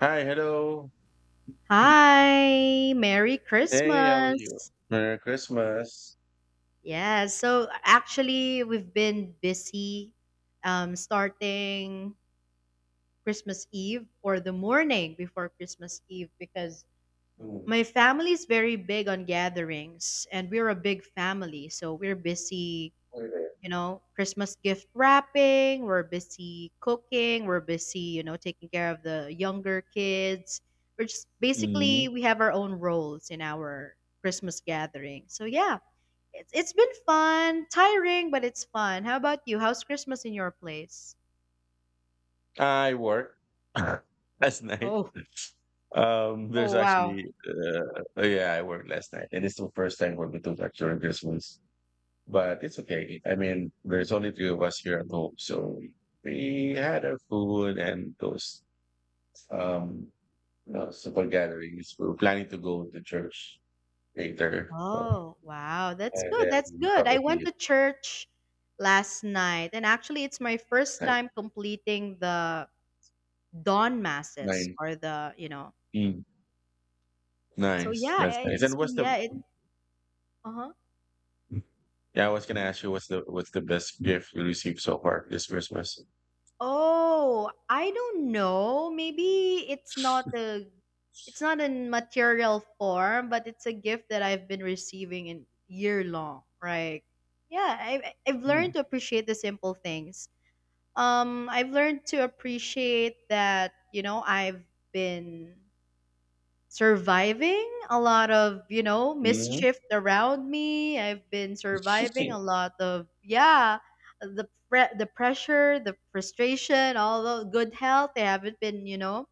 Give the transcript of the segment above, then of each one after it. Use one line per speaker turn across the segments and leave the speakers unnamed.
Hi, hello.
Hi, Merry
Hey, how are you?
Christmas.
Merry Christmas.
Yeah, so actually we've been busy starting Christmas Eve or the morning before Christmas Eve because
Mm.
my family's very big on gatherings and we're a big family, so we're busy, you know, Christmas gift wrapping, we're busy cooking, we're busy, taking care of the younger kids. We're just basically
Mhm.
we have our own roles in our Christmas gathering. So yeah, it's been fun, tiring, but it's fun. How about you? How's Christmas in your place?
I work last night.
Oh,
There's
oh wow.
actually, oh, yeah, I worked last night, and it's the first time for me to work during Christmas. But it's okay. I mean, there's only three of us here at home, so we had our food and those um, simple gatherings. We were planning to go to church later,
Oh, wow. That's
and
good. That's
then
good. I went
probably
to church last night, and actually it's my first
like
time completing the dawn masses
nine.
or the,
Mm,
so
nice.
yeah,
That's nice.
it's
And what's
been
the
yeah, it uh-huh.
Yeah, I was gonna ask you, what's the best gift you received so far this Christmas?
Oh, I don't know. Maybe it's not a it's not in material form, but it's a gift that I've been receiving in year long, right? Yeah, I've learned
Mm.
to appreciate the simple things. I've learned to appreciate that, I've been surviving a lot of
Mhm.
mischief around me. I've been surviving a lot of, yeah, the pressure, the frustration, all the good health. I haven't been,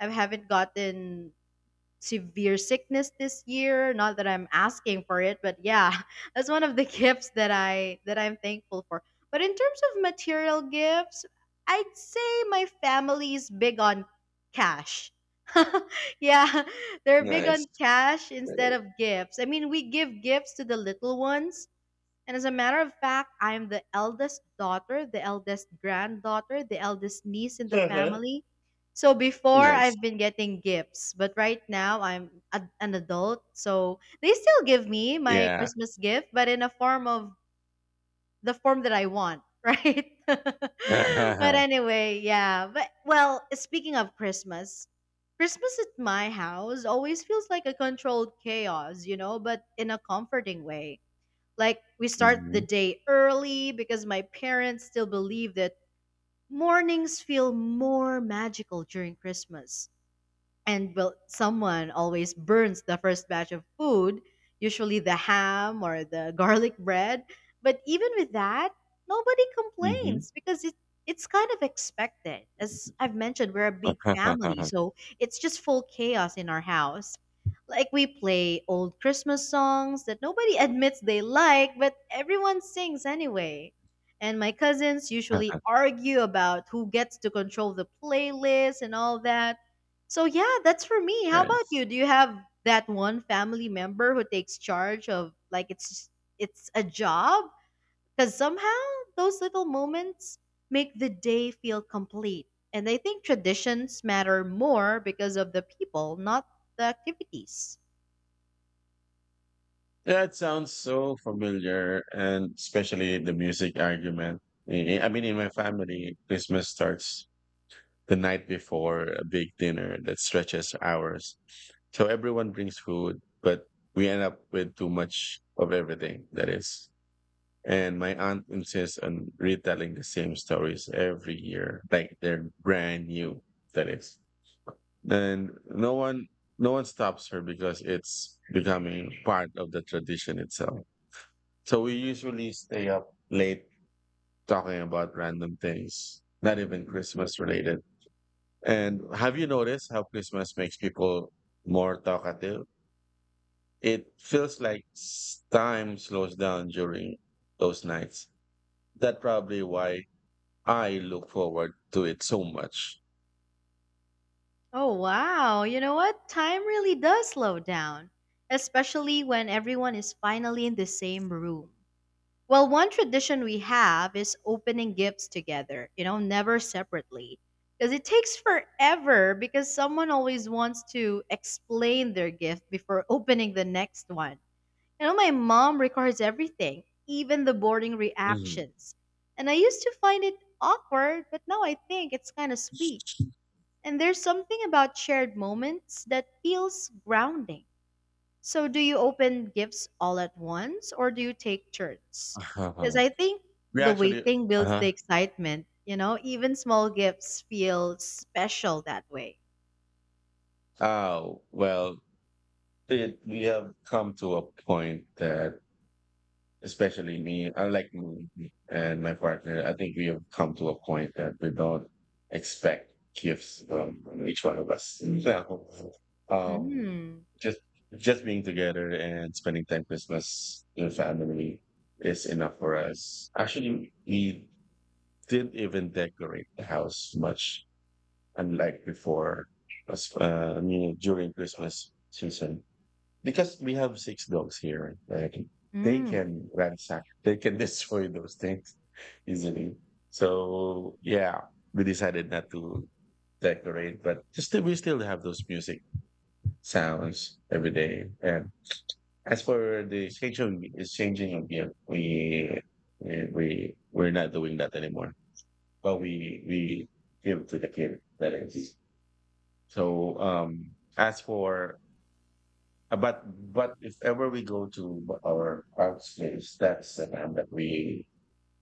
I haven't gotten severe sickness this year, not that I'm asking for it, but yeah. That's one of the gifts that I'm thankful for. But in terms of material gifts, I'd say my family is big on cash. Yeah, they're big
Nice.
on cash instead of gifts. I mean, we give gifts to the little ones. And as a matter of fact, I'm the eldest daughter, the eldest granddaughter, the eldest niece in the
Uh-huh.
family. So before
Nice.
I've been getting gifts, but right now an adult. So they still give me my
Yeah.
Christmas gift, but in a form of the form that I want, right? But
Hmm.
anyway, yeah. But well, speaking of Christmas, Christmas at my house always feels like a controlled chaos, you know, but in a comforting way. Like, we start the day early because my parents still believe that mornings feel more magical during Christmas. And well, someone always burns the first batch of food, usually the ham or the garlic bread. But even with that, nobody
Hmm.
complains because it's kind of expected. As I've mentioned, we're a big family, so it's just full chaos in our house. Like, we play old Christmas songs that nobody admits they like, but everyone sings anyway. And my cousins usually argue about who gets to control the playlist and all that. So yeah, that's for me. How about
Nice.
you? Do you have that one family member who takes charge of like it's a job? Because somehow those little moments make the day feel complete. And I think traditions matter more because of the people, not the activities.
That sounds so familiar, and especially the music argument. I mean, in my family, Christmas starts the night before a big dinner that stretches hours. So everyone brings food, but we end up with too much of everything, that is. And my aunt insists on retelling the same stories every year, like they're brand new, that is. And no one stops her because it's becoming part of the tradition itself. So we usually stay up late talking about random things, not even Christmas related. And have you noticed how Christmas makes people more talkative? It feels like time slows down during those nights. That's probably why I look forward to it so much.
Oh wow, you know what? Time really does slow down, especially when everyone is finally in the same room. Well, one tradition we have is opening gifts together, you know, never separately. Because it takes forever because someone always wants to explain their gift before opening the next one. You know, my mom records everything, even the boring
Mhm.
reactions. And I used to find it awkward, but now I think it's kind of sweet. And there's something about shared moments that feels grounding. So, do you open gifts all at once or do you take turns? Because
Uh-huh.
I think
We
the
actually,
waiting builds the
uh-huh.
excitement, you know, even small gifts feel special that way.
Oh, well, we have come to a point that, especially me, unlike me and my partner, I think we have come to a point that we don't expect gifts from each one of us. So, um,
Mm.
just being together and spending time Christmas with family is enough for us. Actually, we didn't even decorate the house much, unlike before. I mean, during Christmas season, because we have six dogs here, right? Like, they
Mm.
can ransack, they can destroy those things easily. So yeah, we decided not to decorate, but still we still have those music sounds every day. And as for the exchanging of gift, we're not doing that anymore. But we give to the kid, that is. So,
Oh.
as for but if ever we go to our art space, that's the time that we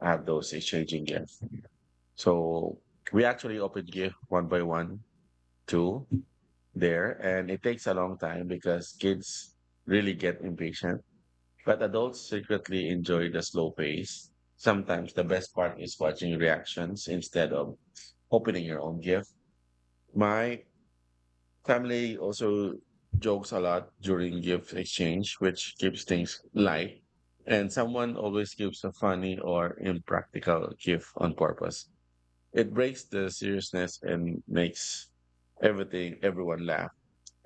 have those exchanging gifts. So we actually open gift one by one to there, and it takes a long time because kids really get impatient. But adults secretly enjoy the slow pace. Sometimes the best part is watching reactions instead of opening your own gift. My family also jokes a lot during gift exchange, which keeps things light. And someone always gives a funny or impractical gift on purpose. It breaks the seriousness and makes everything, everyone laugh.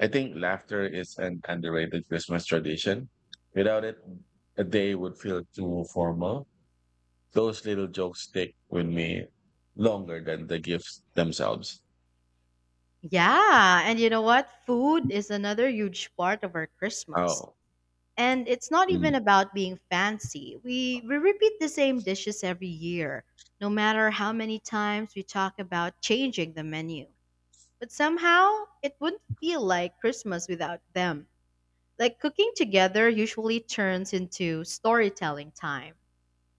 I think laughter is an underrated Christmas tradition. Without it, a day would feel too formal. Those little jokes stick with me longer than the gifts themselves.
Yeah, and you know what? Food is another huge part of our Christmas.
Oh,
And it's not even
mm.
about being fancy. We repeat the same dishes every year, no matter how many times we talk about changing the menu. But somehow, it wouldn't feel like Christmas without them. Like cooking together usually turns into storytelling time.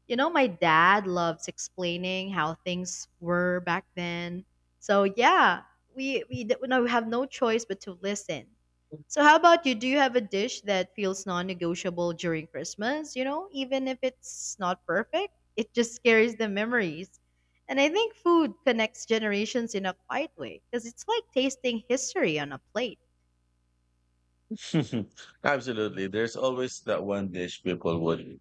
You know, my dad loves explaining how things were back then. So yeah, we have no choice but to listen. So how about you? Do you have a dish that feels non-negotiable during Christmas? You know, even if it's not perfect, it just carries the memories. And I think food connects generations in a quiet way because it's like tasting history on a plate.
Absolutely. There's always that one dish people would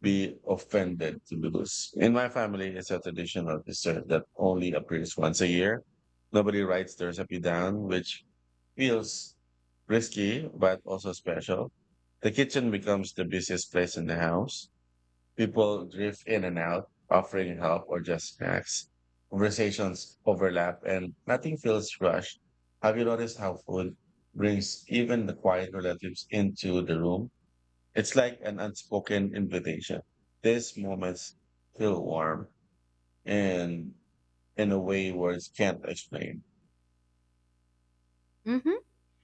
be offended to lose. In my family, it's a traditional dessert that only appears once a year. Nobody writes the recipe down, which feels risky, but also special. The kitchen becomes the busiest place in the house. People drift in and out, offering help or just snacks. Conversations overlap and nothing feels rushed. Have you noticed how food brings even the quiet relatives into the room? It's like an unspoken invitation. These moments feel warm and in a way words can't explain.
Hmm.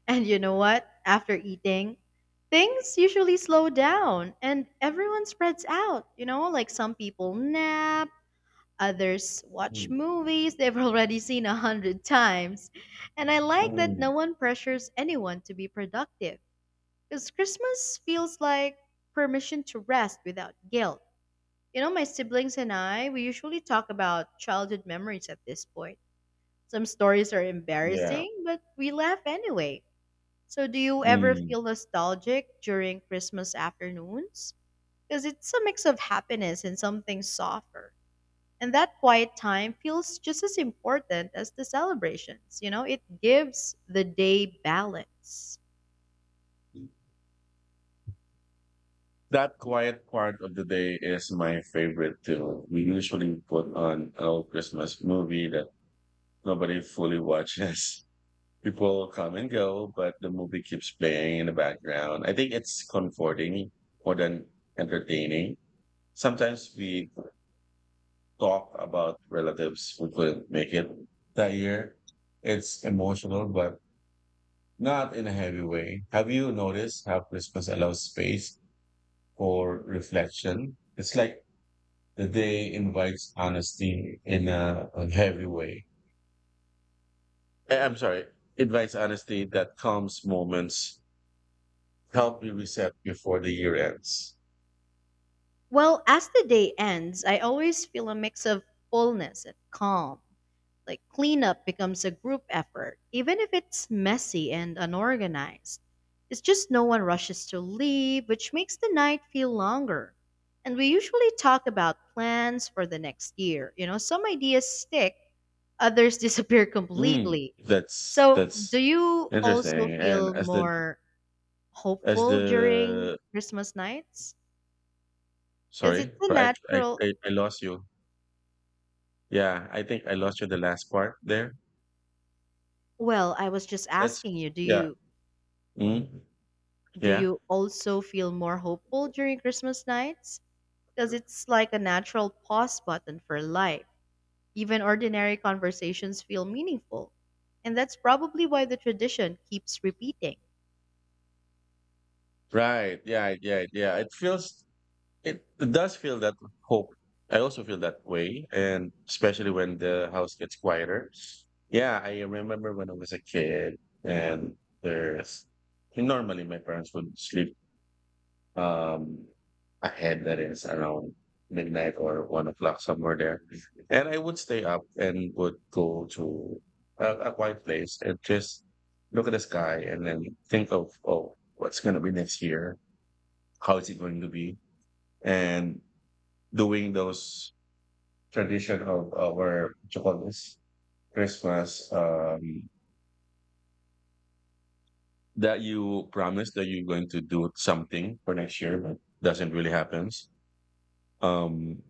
And you know what? After eating, things usually slow down and everyone spreads out. You know, like some people nap, others watch
Mm,
movies they've already seen a hundred times. And I like that no
mm,
one pressures anyone to be productive because Christmas feels like permission to rest without guilt. You know, my siblings and I, we usually talk about childhood memories at this point. Some stories are
yeah.
embarrassing, but we laugh anyway. So, do you ever
Mm.
feel nostalgic during Christmas afternoons? Because it's a mix of happiness and something softer. And that quiet time feels just as important as the celebrations. You know, it gives the day balance.
That quiet part of the day is my favorite too. We usually put on an old Christmas movie that nobody fully watches. People come and go, but the movie keeps playing in the background. I think it's comforting more than entertaining. Sometimes we talk about relatives who couldn't make it that year. It's emotional, but not in a heavy way. Have you noticed how Christmas allows space for reflection? It's like the day invites honesty in a heavy way. I'm sorry, invites honesty that calms moments, help me reset before the year ends.
Well, as the day ends, I always feel a mix of fullness and calm. Like cleanup becomes a group effort, even if it's messy and unorganized. It's just no one rushes to leave, which makes the night feel longer. And we usually talk about plans for the next year. You know, some ideas stick, others disappear
Mm,
completely.
that's
So, do
that's
you also
interesting. And
feel more
as
hopeful during
the
Christmas nights? Because
sorry,
it's a
I, I
natural
I I lost you. Yeah, I think I lost you the last part there.
well, I was just
That's
asking you,
yeah. Mm,
do
yeah.
you also feel more hopeful during Christmas nights? Because it's like a natural pause button for life. Even ordinary conversations feel meaningful. And that's probably why the tradition keeps repeating.
Right. Yeah. Yeah. Yeah. It feels it does feel that hope. I also feel that way, and especially when the house gets quieter. Yeah, I remember when I was a kid, and there's normally my parents would sleep um ahead, that is around midnight or 1 o'clock somewhere there, and I would stay up and would go to a quiet place and just look at the sky and then think of, oh, what's gonna be next year? How is it going to be? And doing those tradition of our, what you call this, Christmas, that you promise that you're going to do something for next year, but doesn't really happens. Um,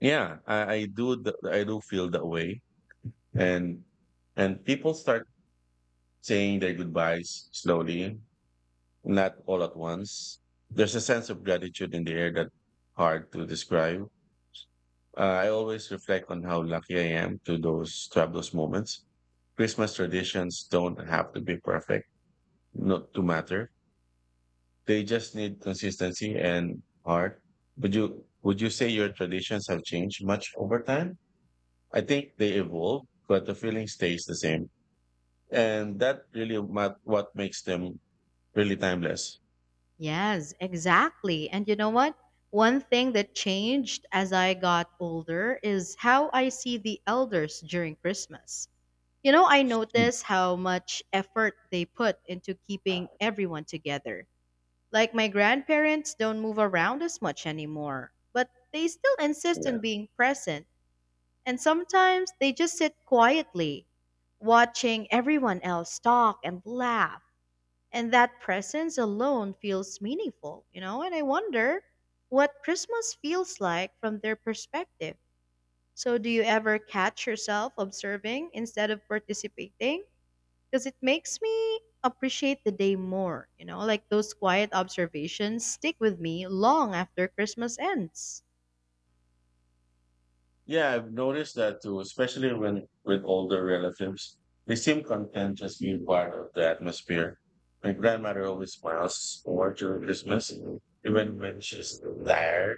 yeah, I do feel that way, and and people start saying their goodbyes slowly, not all at once. There's a sense of gratitude in the air that hard to describe. I always reflect on how lucky I am to have those moments. Christmas traditions don't have to be perfect, not to matter. They just need consistency and heart. Would you say your traditions have changed much over time? I think they evolve, but the feeling stays the same, and that really what makes them really timeless.
Yes, exactly. And you know what? One thing that changed as I got older is how I see the elders during Christmas. You know, I
Mm.
notice how much effort they put into keeping everyone together. Like my grandparents don't move around as much anymore, but they still insist
Yeah.
on being present, and sometimes they just sit quietly, watching everyone else talk and laugh. And that presence alone feels meaningful, you know? And I wonder what Christmas feels like from their perspective. So, do you ever catch yourself observing instead of participating? Because it makes me appreciate the day more. You know, like those quiet observations stick with me long after Christmas ends.
Yeah, I've noticed that too, especially when with older relatives. They seem content just being part of the atmosphere. My grandmother always smiles more during Christmas, even when she's tired.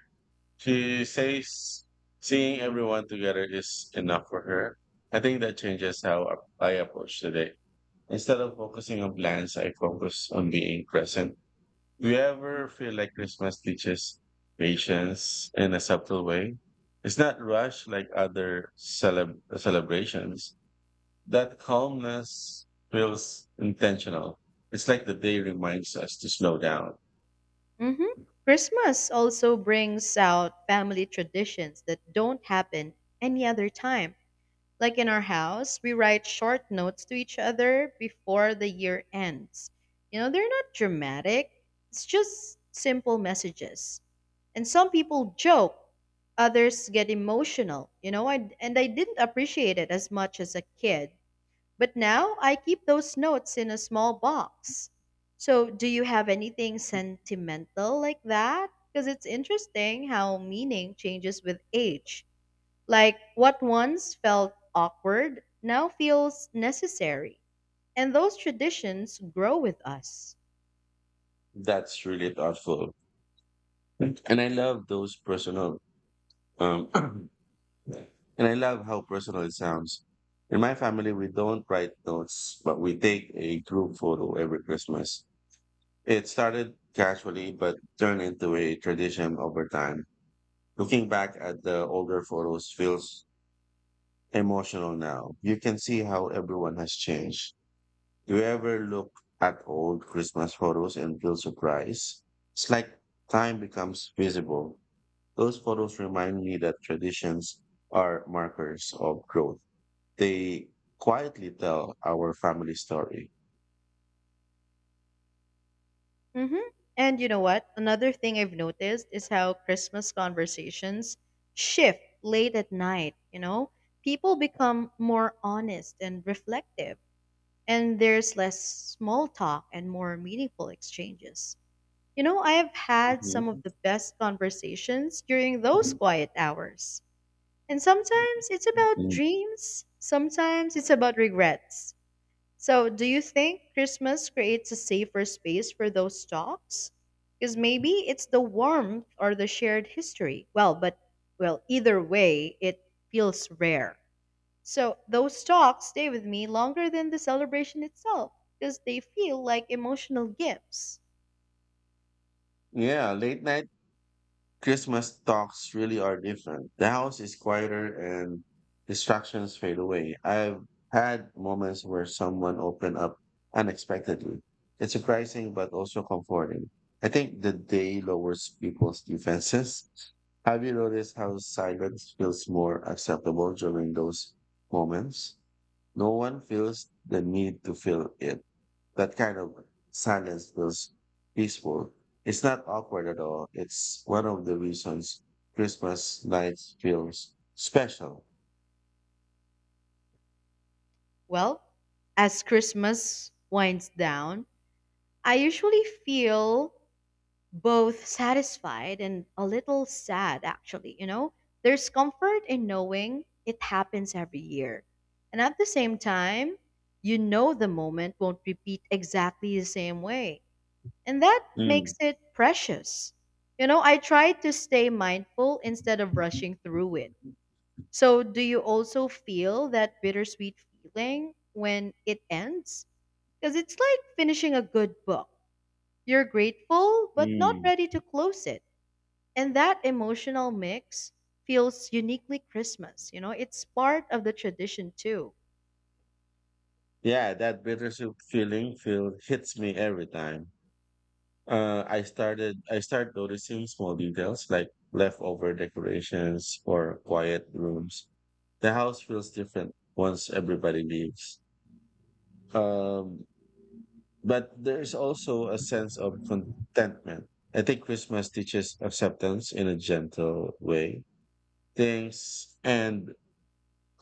She says seeing everyone together is enough for her. I think that changes how I approach today. Instead of focusing on plans, I focus on being present. Do you ever feel like Christmas teaches patience in a subtle way? It's not rushed like other celebrations. That calmness feels intentional. It's like the day reminds us to slow down.
Hmm. Christmas also brings out family traditions that don't happen any other time. Like in our house, we write short notes to each other before the year ends. You know, they're not dramatic, it's just simple messages. And some people joke, others get emotional, you know, and I didn't appreciate it as much as a kid. But now I keep those notes in a small box. So, do you have anything sentimental like that? Because it's interesting how meaning changes with age. Like what once felt awkward now feels necessary. And those traditions grow with us.
That's really thoughtful. And I love those personal, um, and I love how personal it sounds. In my family, we don't write notes, but we take a group photo every Christmas. It started casually, but turned into a tradition over time. Looking back at the older photos feels emotional now. You can see how everyone has changed. Do you ever look at old Christmas photos and feel surprised? It's like time becomes visible. Those photos remind me that traditions are markers of growth. They quietly tell our family story.
Hmm. And you know what? Another thing I've noticed is how Christmas conversations shift late at night. You know, people become more honest and reflective, and there's less small talk and more meaningful exchanges. You know, I have had
Mhm.
some of the best conversations during those quiet hours. And sometimes it's about
Mm.
dreams, sometimes it's about regrets. So, do you think Christmas creates a safer space for those talks? Because maybe it's the warmth or the shared history. Well, either way, it feels rare. So, those talks stay with me longer than the celebration itself because they feel like emotional gifts.
Yeah, late night Christmas talks really are different. The house is quieter and distractions fade away. I've had moments where someone opened up unexpectedly. It's surprising, but also comforting. I think the day lowers people's defenses. Have you noticed how silence feels more acceptable during those moments? No one feels the need to fill it. That kind of silence feels peaceful. It's not awkward at all. It's one of the reasons Christmas night feels special.
Well, as Christmas winds down, I usually feel both satisfied and a little sad, actually. You know, there's comfort in knowing it happens every year, and at the same time, you know, the moment won't repeat exactly the same way, and that
Mm,
makes it precious. You know, I try to stay mindful instead of rushing through it. So, do you also feel that bittersweet feeling when it ends? Because it's like finishing a good book. You're grateful but not
mm.
ready to close it. And that emotional mix feels uniquely Christmas. You know, it's part of the tradition too.
Yeah, that bittersweet feeling feel hits me every time. I start noticing small details like leftover decorations or quiet rooms. The house feels different once everybody leaves. Um, but there's also a sense of contentment. I think Christmas teaches acceptance in a gentle way. Things end,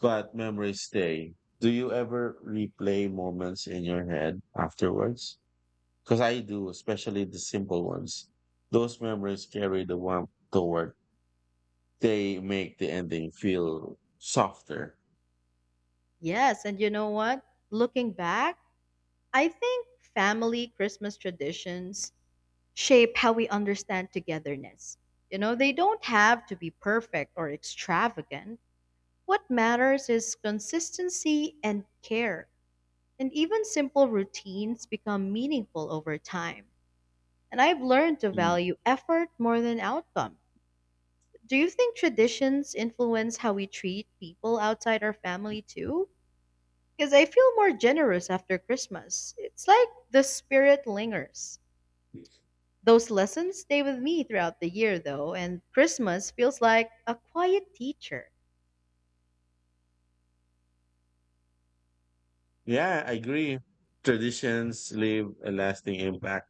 but memories stay. Do you ever replay moments in your head afterwards? Because I do, especially the simple ones. Those memories carry the warmth toward. They make the ending feel softer.
Yes, and you know what? Looking back, I think family Christmas traditions shape how we understand togetherness. You know, they don't have to be perfect or extravagant. What matters is consistency and care. And even simple routines become meaningful over time. And I've learned to
Mm.
value effort more than outcome. Do you think traditions influence how we treat people outside our family too? Because I feel more generous after Christmas. It's like the spirit lingers. Those lessons stay with me throughout the year, though, and Christmas feels like a quiet teacher.
Yeah, I agree. Traditions leave a lasting impact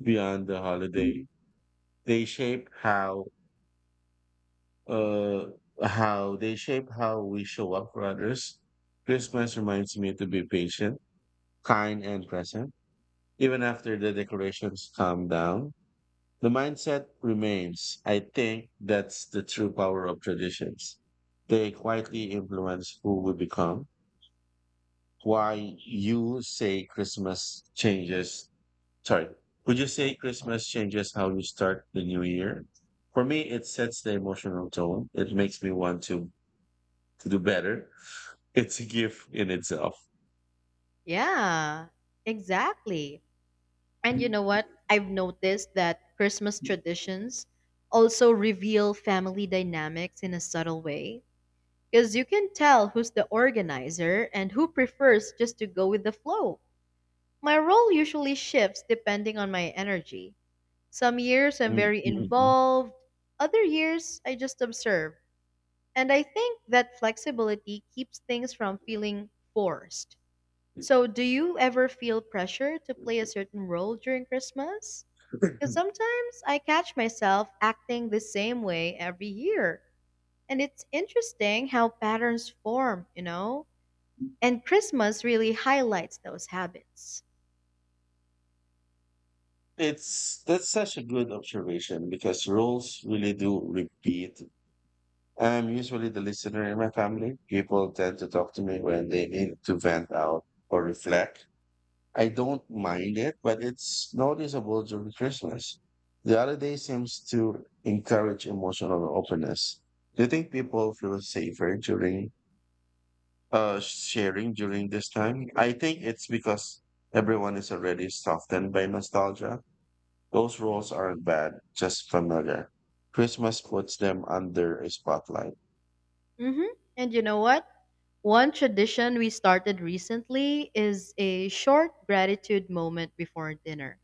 beyond the holiday. They shape how uh, how they shape how we show up for others. Christmas reminds me to be patient, kind, and present. Even after the decorations calm down, the mindset remains. I think that's the true power of traditions. They quietly influence who we become. Why you say Christmas changes, sorry, would you say Christmas changes how you start the new year? For me, it sets the emotional tone. It makes me want to, do better. It's a gift in itself.
Yeah, exactly. And you know what? I've noticed that Christmas traditions also reveal family dynamics in a subtle way. Because you can tell who's the organizer and who prefers just to go with the flow. My role usually shifts depending on my energy. Some years I'm very involved, other years I just observe. And I think that flexibility keeps things from feeling forced. So, do you ever feel pressure to play a certain role during Christmas? Because sometimes I catch myself acting the same way every year. And it's interesting how patterns form, you know? And Christmas really highlights those habits.
It's That's such a good observation because roles really do repeat. I'm usually the listener in my family. People tend to talk to me when they need to vent out or reflect. I don't mind it, but it's noticeable during Christmas. The holiday seems to encourage emotional openness. Do you think people feel safer during, sharing during this time? I think it's because everyone is already softened by nostalgia. Those roles aren't bad, just familiar. Christmas puts them under a spotlight.
Hmm. And you know what? One tradition we started recently is a short gratitude moment before dinner.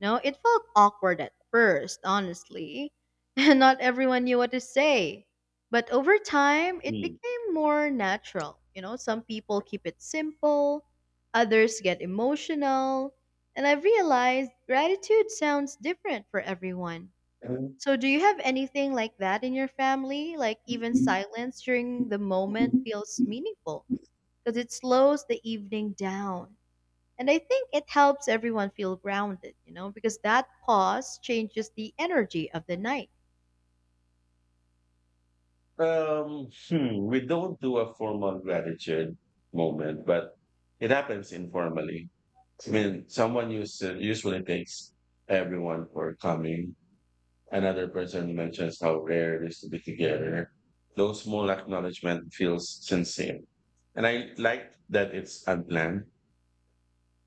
No, it felt awkward at first, honestly. And not everyone knew what to say. But over time, it
Hmm.
became more natural. You know, some people keep it simple, others get emotional. And I've realized gratitude sounds different for everyone. So, do you have anything like that in your family? Like, even silence during the moment feels meaningful because it slows the evening down. And I think it helps everyone feel grounded, because that pause changes the energy of the night.
We don't do a formal gratitude moment, but it happens informally. I mean, someone usually thanks everyone for coming. Another person mentions how rare it is to be together. Those small acknowledgement feels sincere. And I like that it's unplanned.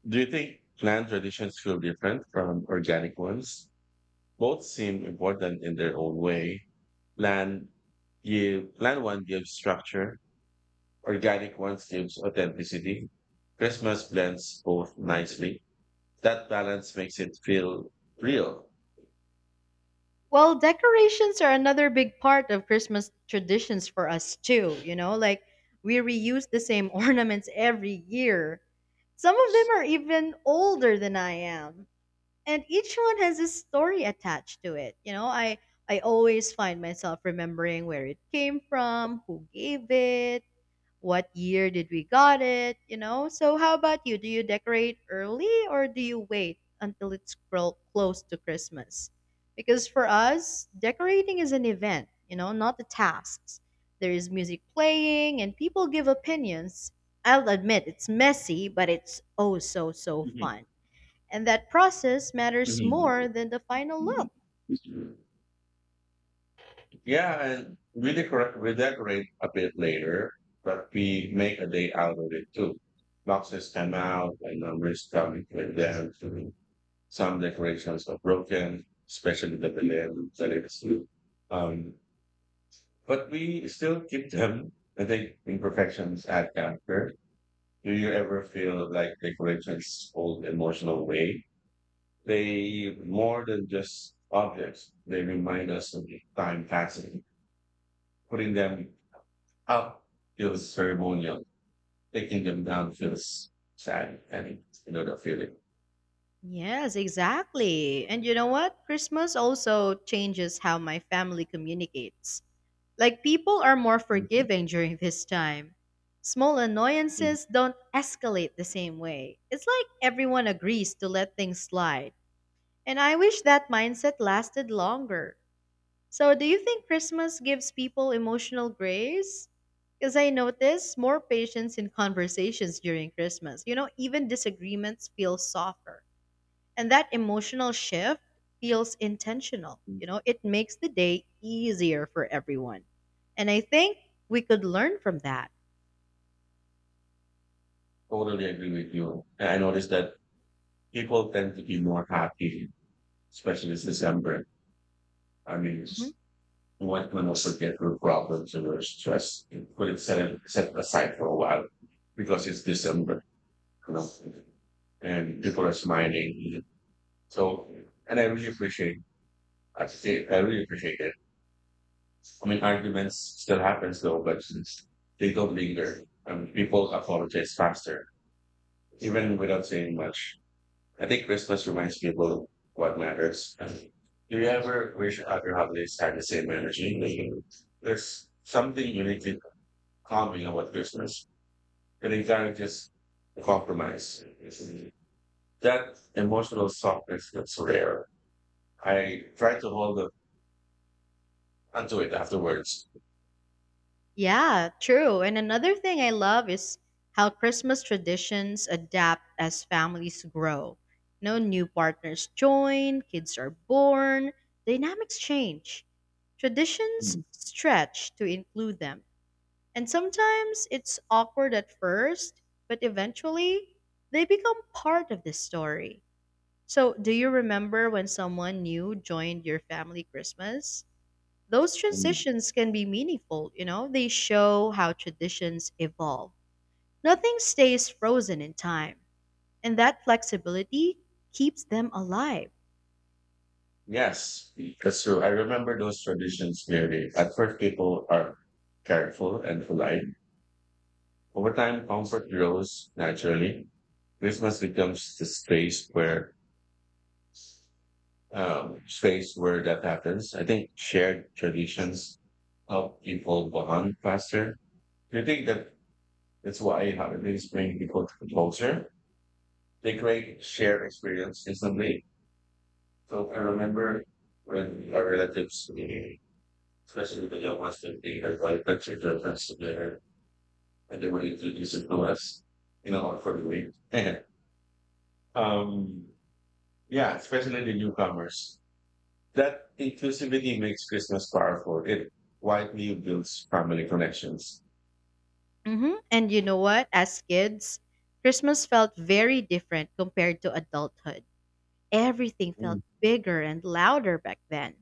Do you think planned traditions feel different from organic ones? Both seem important in their own way. Plan plan one gives structure, organic ones gives authenticity. Christmas blends both nicely. That balance makes it feel real.
Well, decorations are another big part of Christmas traditions for us, too, you know, like we reuse the same ornaments every year. Some of them are even older than I am. And each one has a story attached to it. I always find myself remembering where it came from, who gave it, what year did we got it. So, how about you? Do you decorate early or do you wait until it's close to Christmas? Because for us, decorating is an event, you know, not the tasks. There is music playing and people give opinions. I'll admit it's messy, but it's oh so
Mhm.
fun. And that process matters more than the final look.
Mhm. Yeah, and we decorate a bit later, but we make a day out of it too. Boxes come out and numbers come with them too. Some decorations are broken, especially the balloons that it's, um, but we still keep them. I think imperfections add character. Do you ever feel like decorations hold emotional weight? They more than just objects. They remind us of time passing. Putting them How feels ceremonial, taking them down feels sad, and you know the feeling.
Yes, exactly. And you know what? Christmas also changes how my family communicates. Like, people are more
Mhm,
forgiving during this time. Small
mhm.
annoyances don't escalate the same way. It's like everyone agrees to let things slide. And I wish that mindset lasted longer. So, do you think Christmas gives people emotional grace? Because I notice more patience in conversations during Christmas. You know, even disagreements feel softer. And that emotional shift feels intentional. You know, it makes the day easier for everyone. And I think we could learn from that.
Totally agree with you. And I noticed that people tend to be more happy, especially this December. I mean, one can also get through problems and their stress and put it set, it- set it aside for a while, because it's December, you know, and people are smiling. So, and I really appreciate it. I mean, arguments still happens though, but since they don't linger, people apologize faster, even without saying much. I think Christmas reminds people what matters. Do you ever wish other holidays had the same energy? Like, there's something uniquely calming about Christmas. It encourages compromise. That emotional softness that's rare. I try to hold on to it afterwards.
Yeah, true. And another thing I love is how Christmas traditions adapt as families grow. No, new partners join, kids are born, dynamics change. Traditions stretch to include them. And sometimes it's awkward at first, but eventually they become part of the story. So, do you remember when someone new joined your family Christmas? Those
Mm.
transitions can be meaningful, you know? They show how traditions evolve. Nothing stays frozen in time, and that flexibility keeps them alive.
Yes, that's true. I remember those traditions clearly. At first, people are careful and polite. Over time, comfort grows naturally. Christmas becomes the space where that happens. I think shared traditions help people bond faster. Do you think that that's why holidays bring people closer? They create shared experience instantly. So I remember when our relatives, especially if they don't watch the theater, like pictures of us in there, and then we introduce it to us, for the week. um, yeah, especially the newcomers. That inclusivity makes Christmas powerful. It widely builds family connections.
Hmm. And you know what? As kids, Christmas felt very different compared to adulthood. Everything
Mm,
felt bigger and louder back then.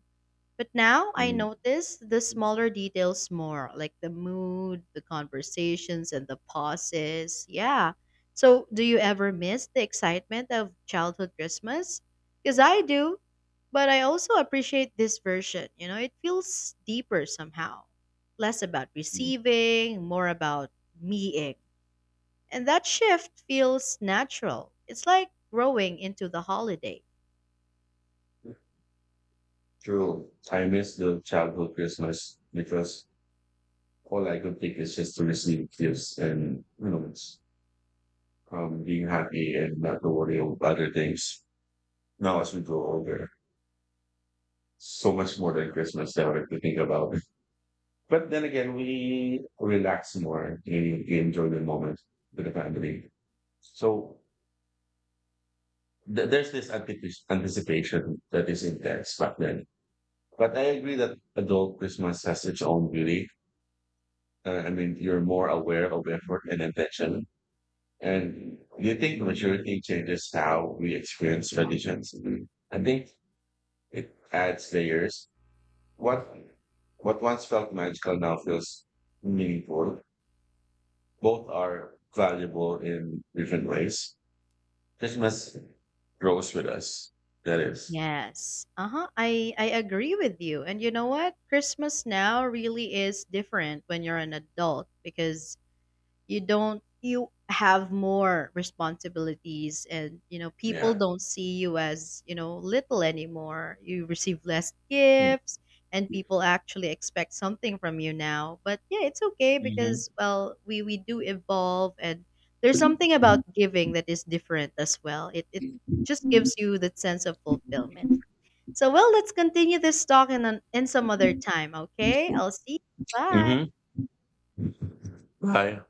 But now I
mm,
notice the smaller details more, like the mood, the conversations, and the pauses. Yeah. So, do you ever miss the excitement of childhood Christmas? Because I do, but I also appreciate this version. You know, it feels deeper somehow, less about
mm.
receiving, more about being. And that shift feels natural. It's like growing into the holiday.
True. I miss the childhood Christmas because all I could think is just to receive gifts, and being happy and not to worry about other things. Now as we grow older, so much more than Christmas now if you think about it. But then again, we relax more. We enjoy the moment with the family. So there's this anticipation that is intense back then. But I agree that adult Christmas has its own beauty. I mean, you're more aware of effort and intention. And do you think maturity changes how we experience traditions? I think it adds layers. What what once felt magical now feels meaningful. Both are valuable in different ways. Christmas grows with us. That is.
Yes. Uh-huh. I agree with you. And you know what? Christmas now really is different when you're an adult because you don't you have more responsibilities, and you know, people
Yeah.
don't see you as, you know, little anymore. You receive less gifts and
Mm-hmm.
people actually expect something from you now. But yeah, it's okay because, well, we do evolve and there's something about giving that is different as well. It just gives you that sense of fulfillment. So, well, let's continue this talk in some other time, okay? I'll see you. Bye.
Mm-hmm. Bye.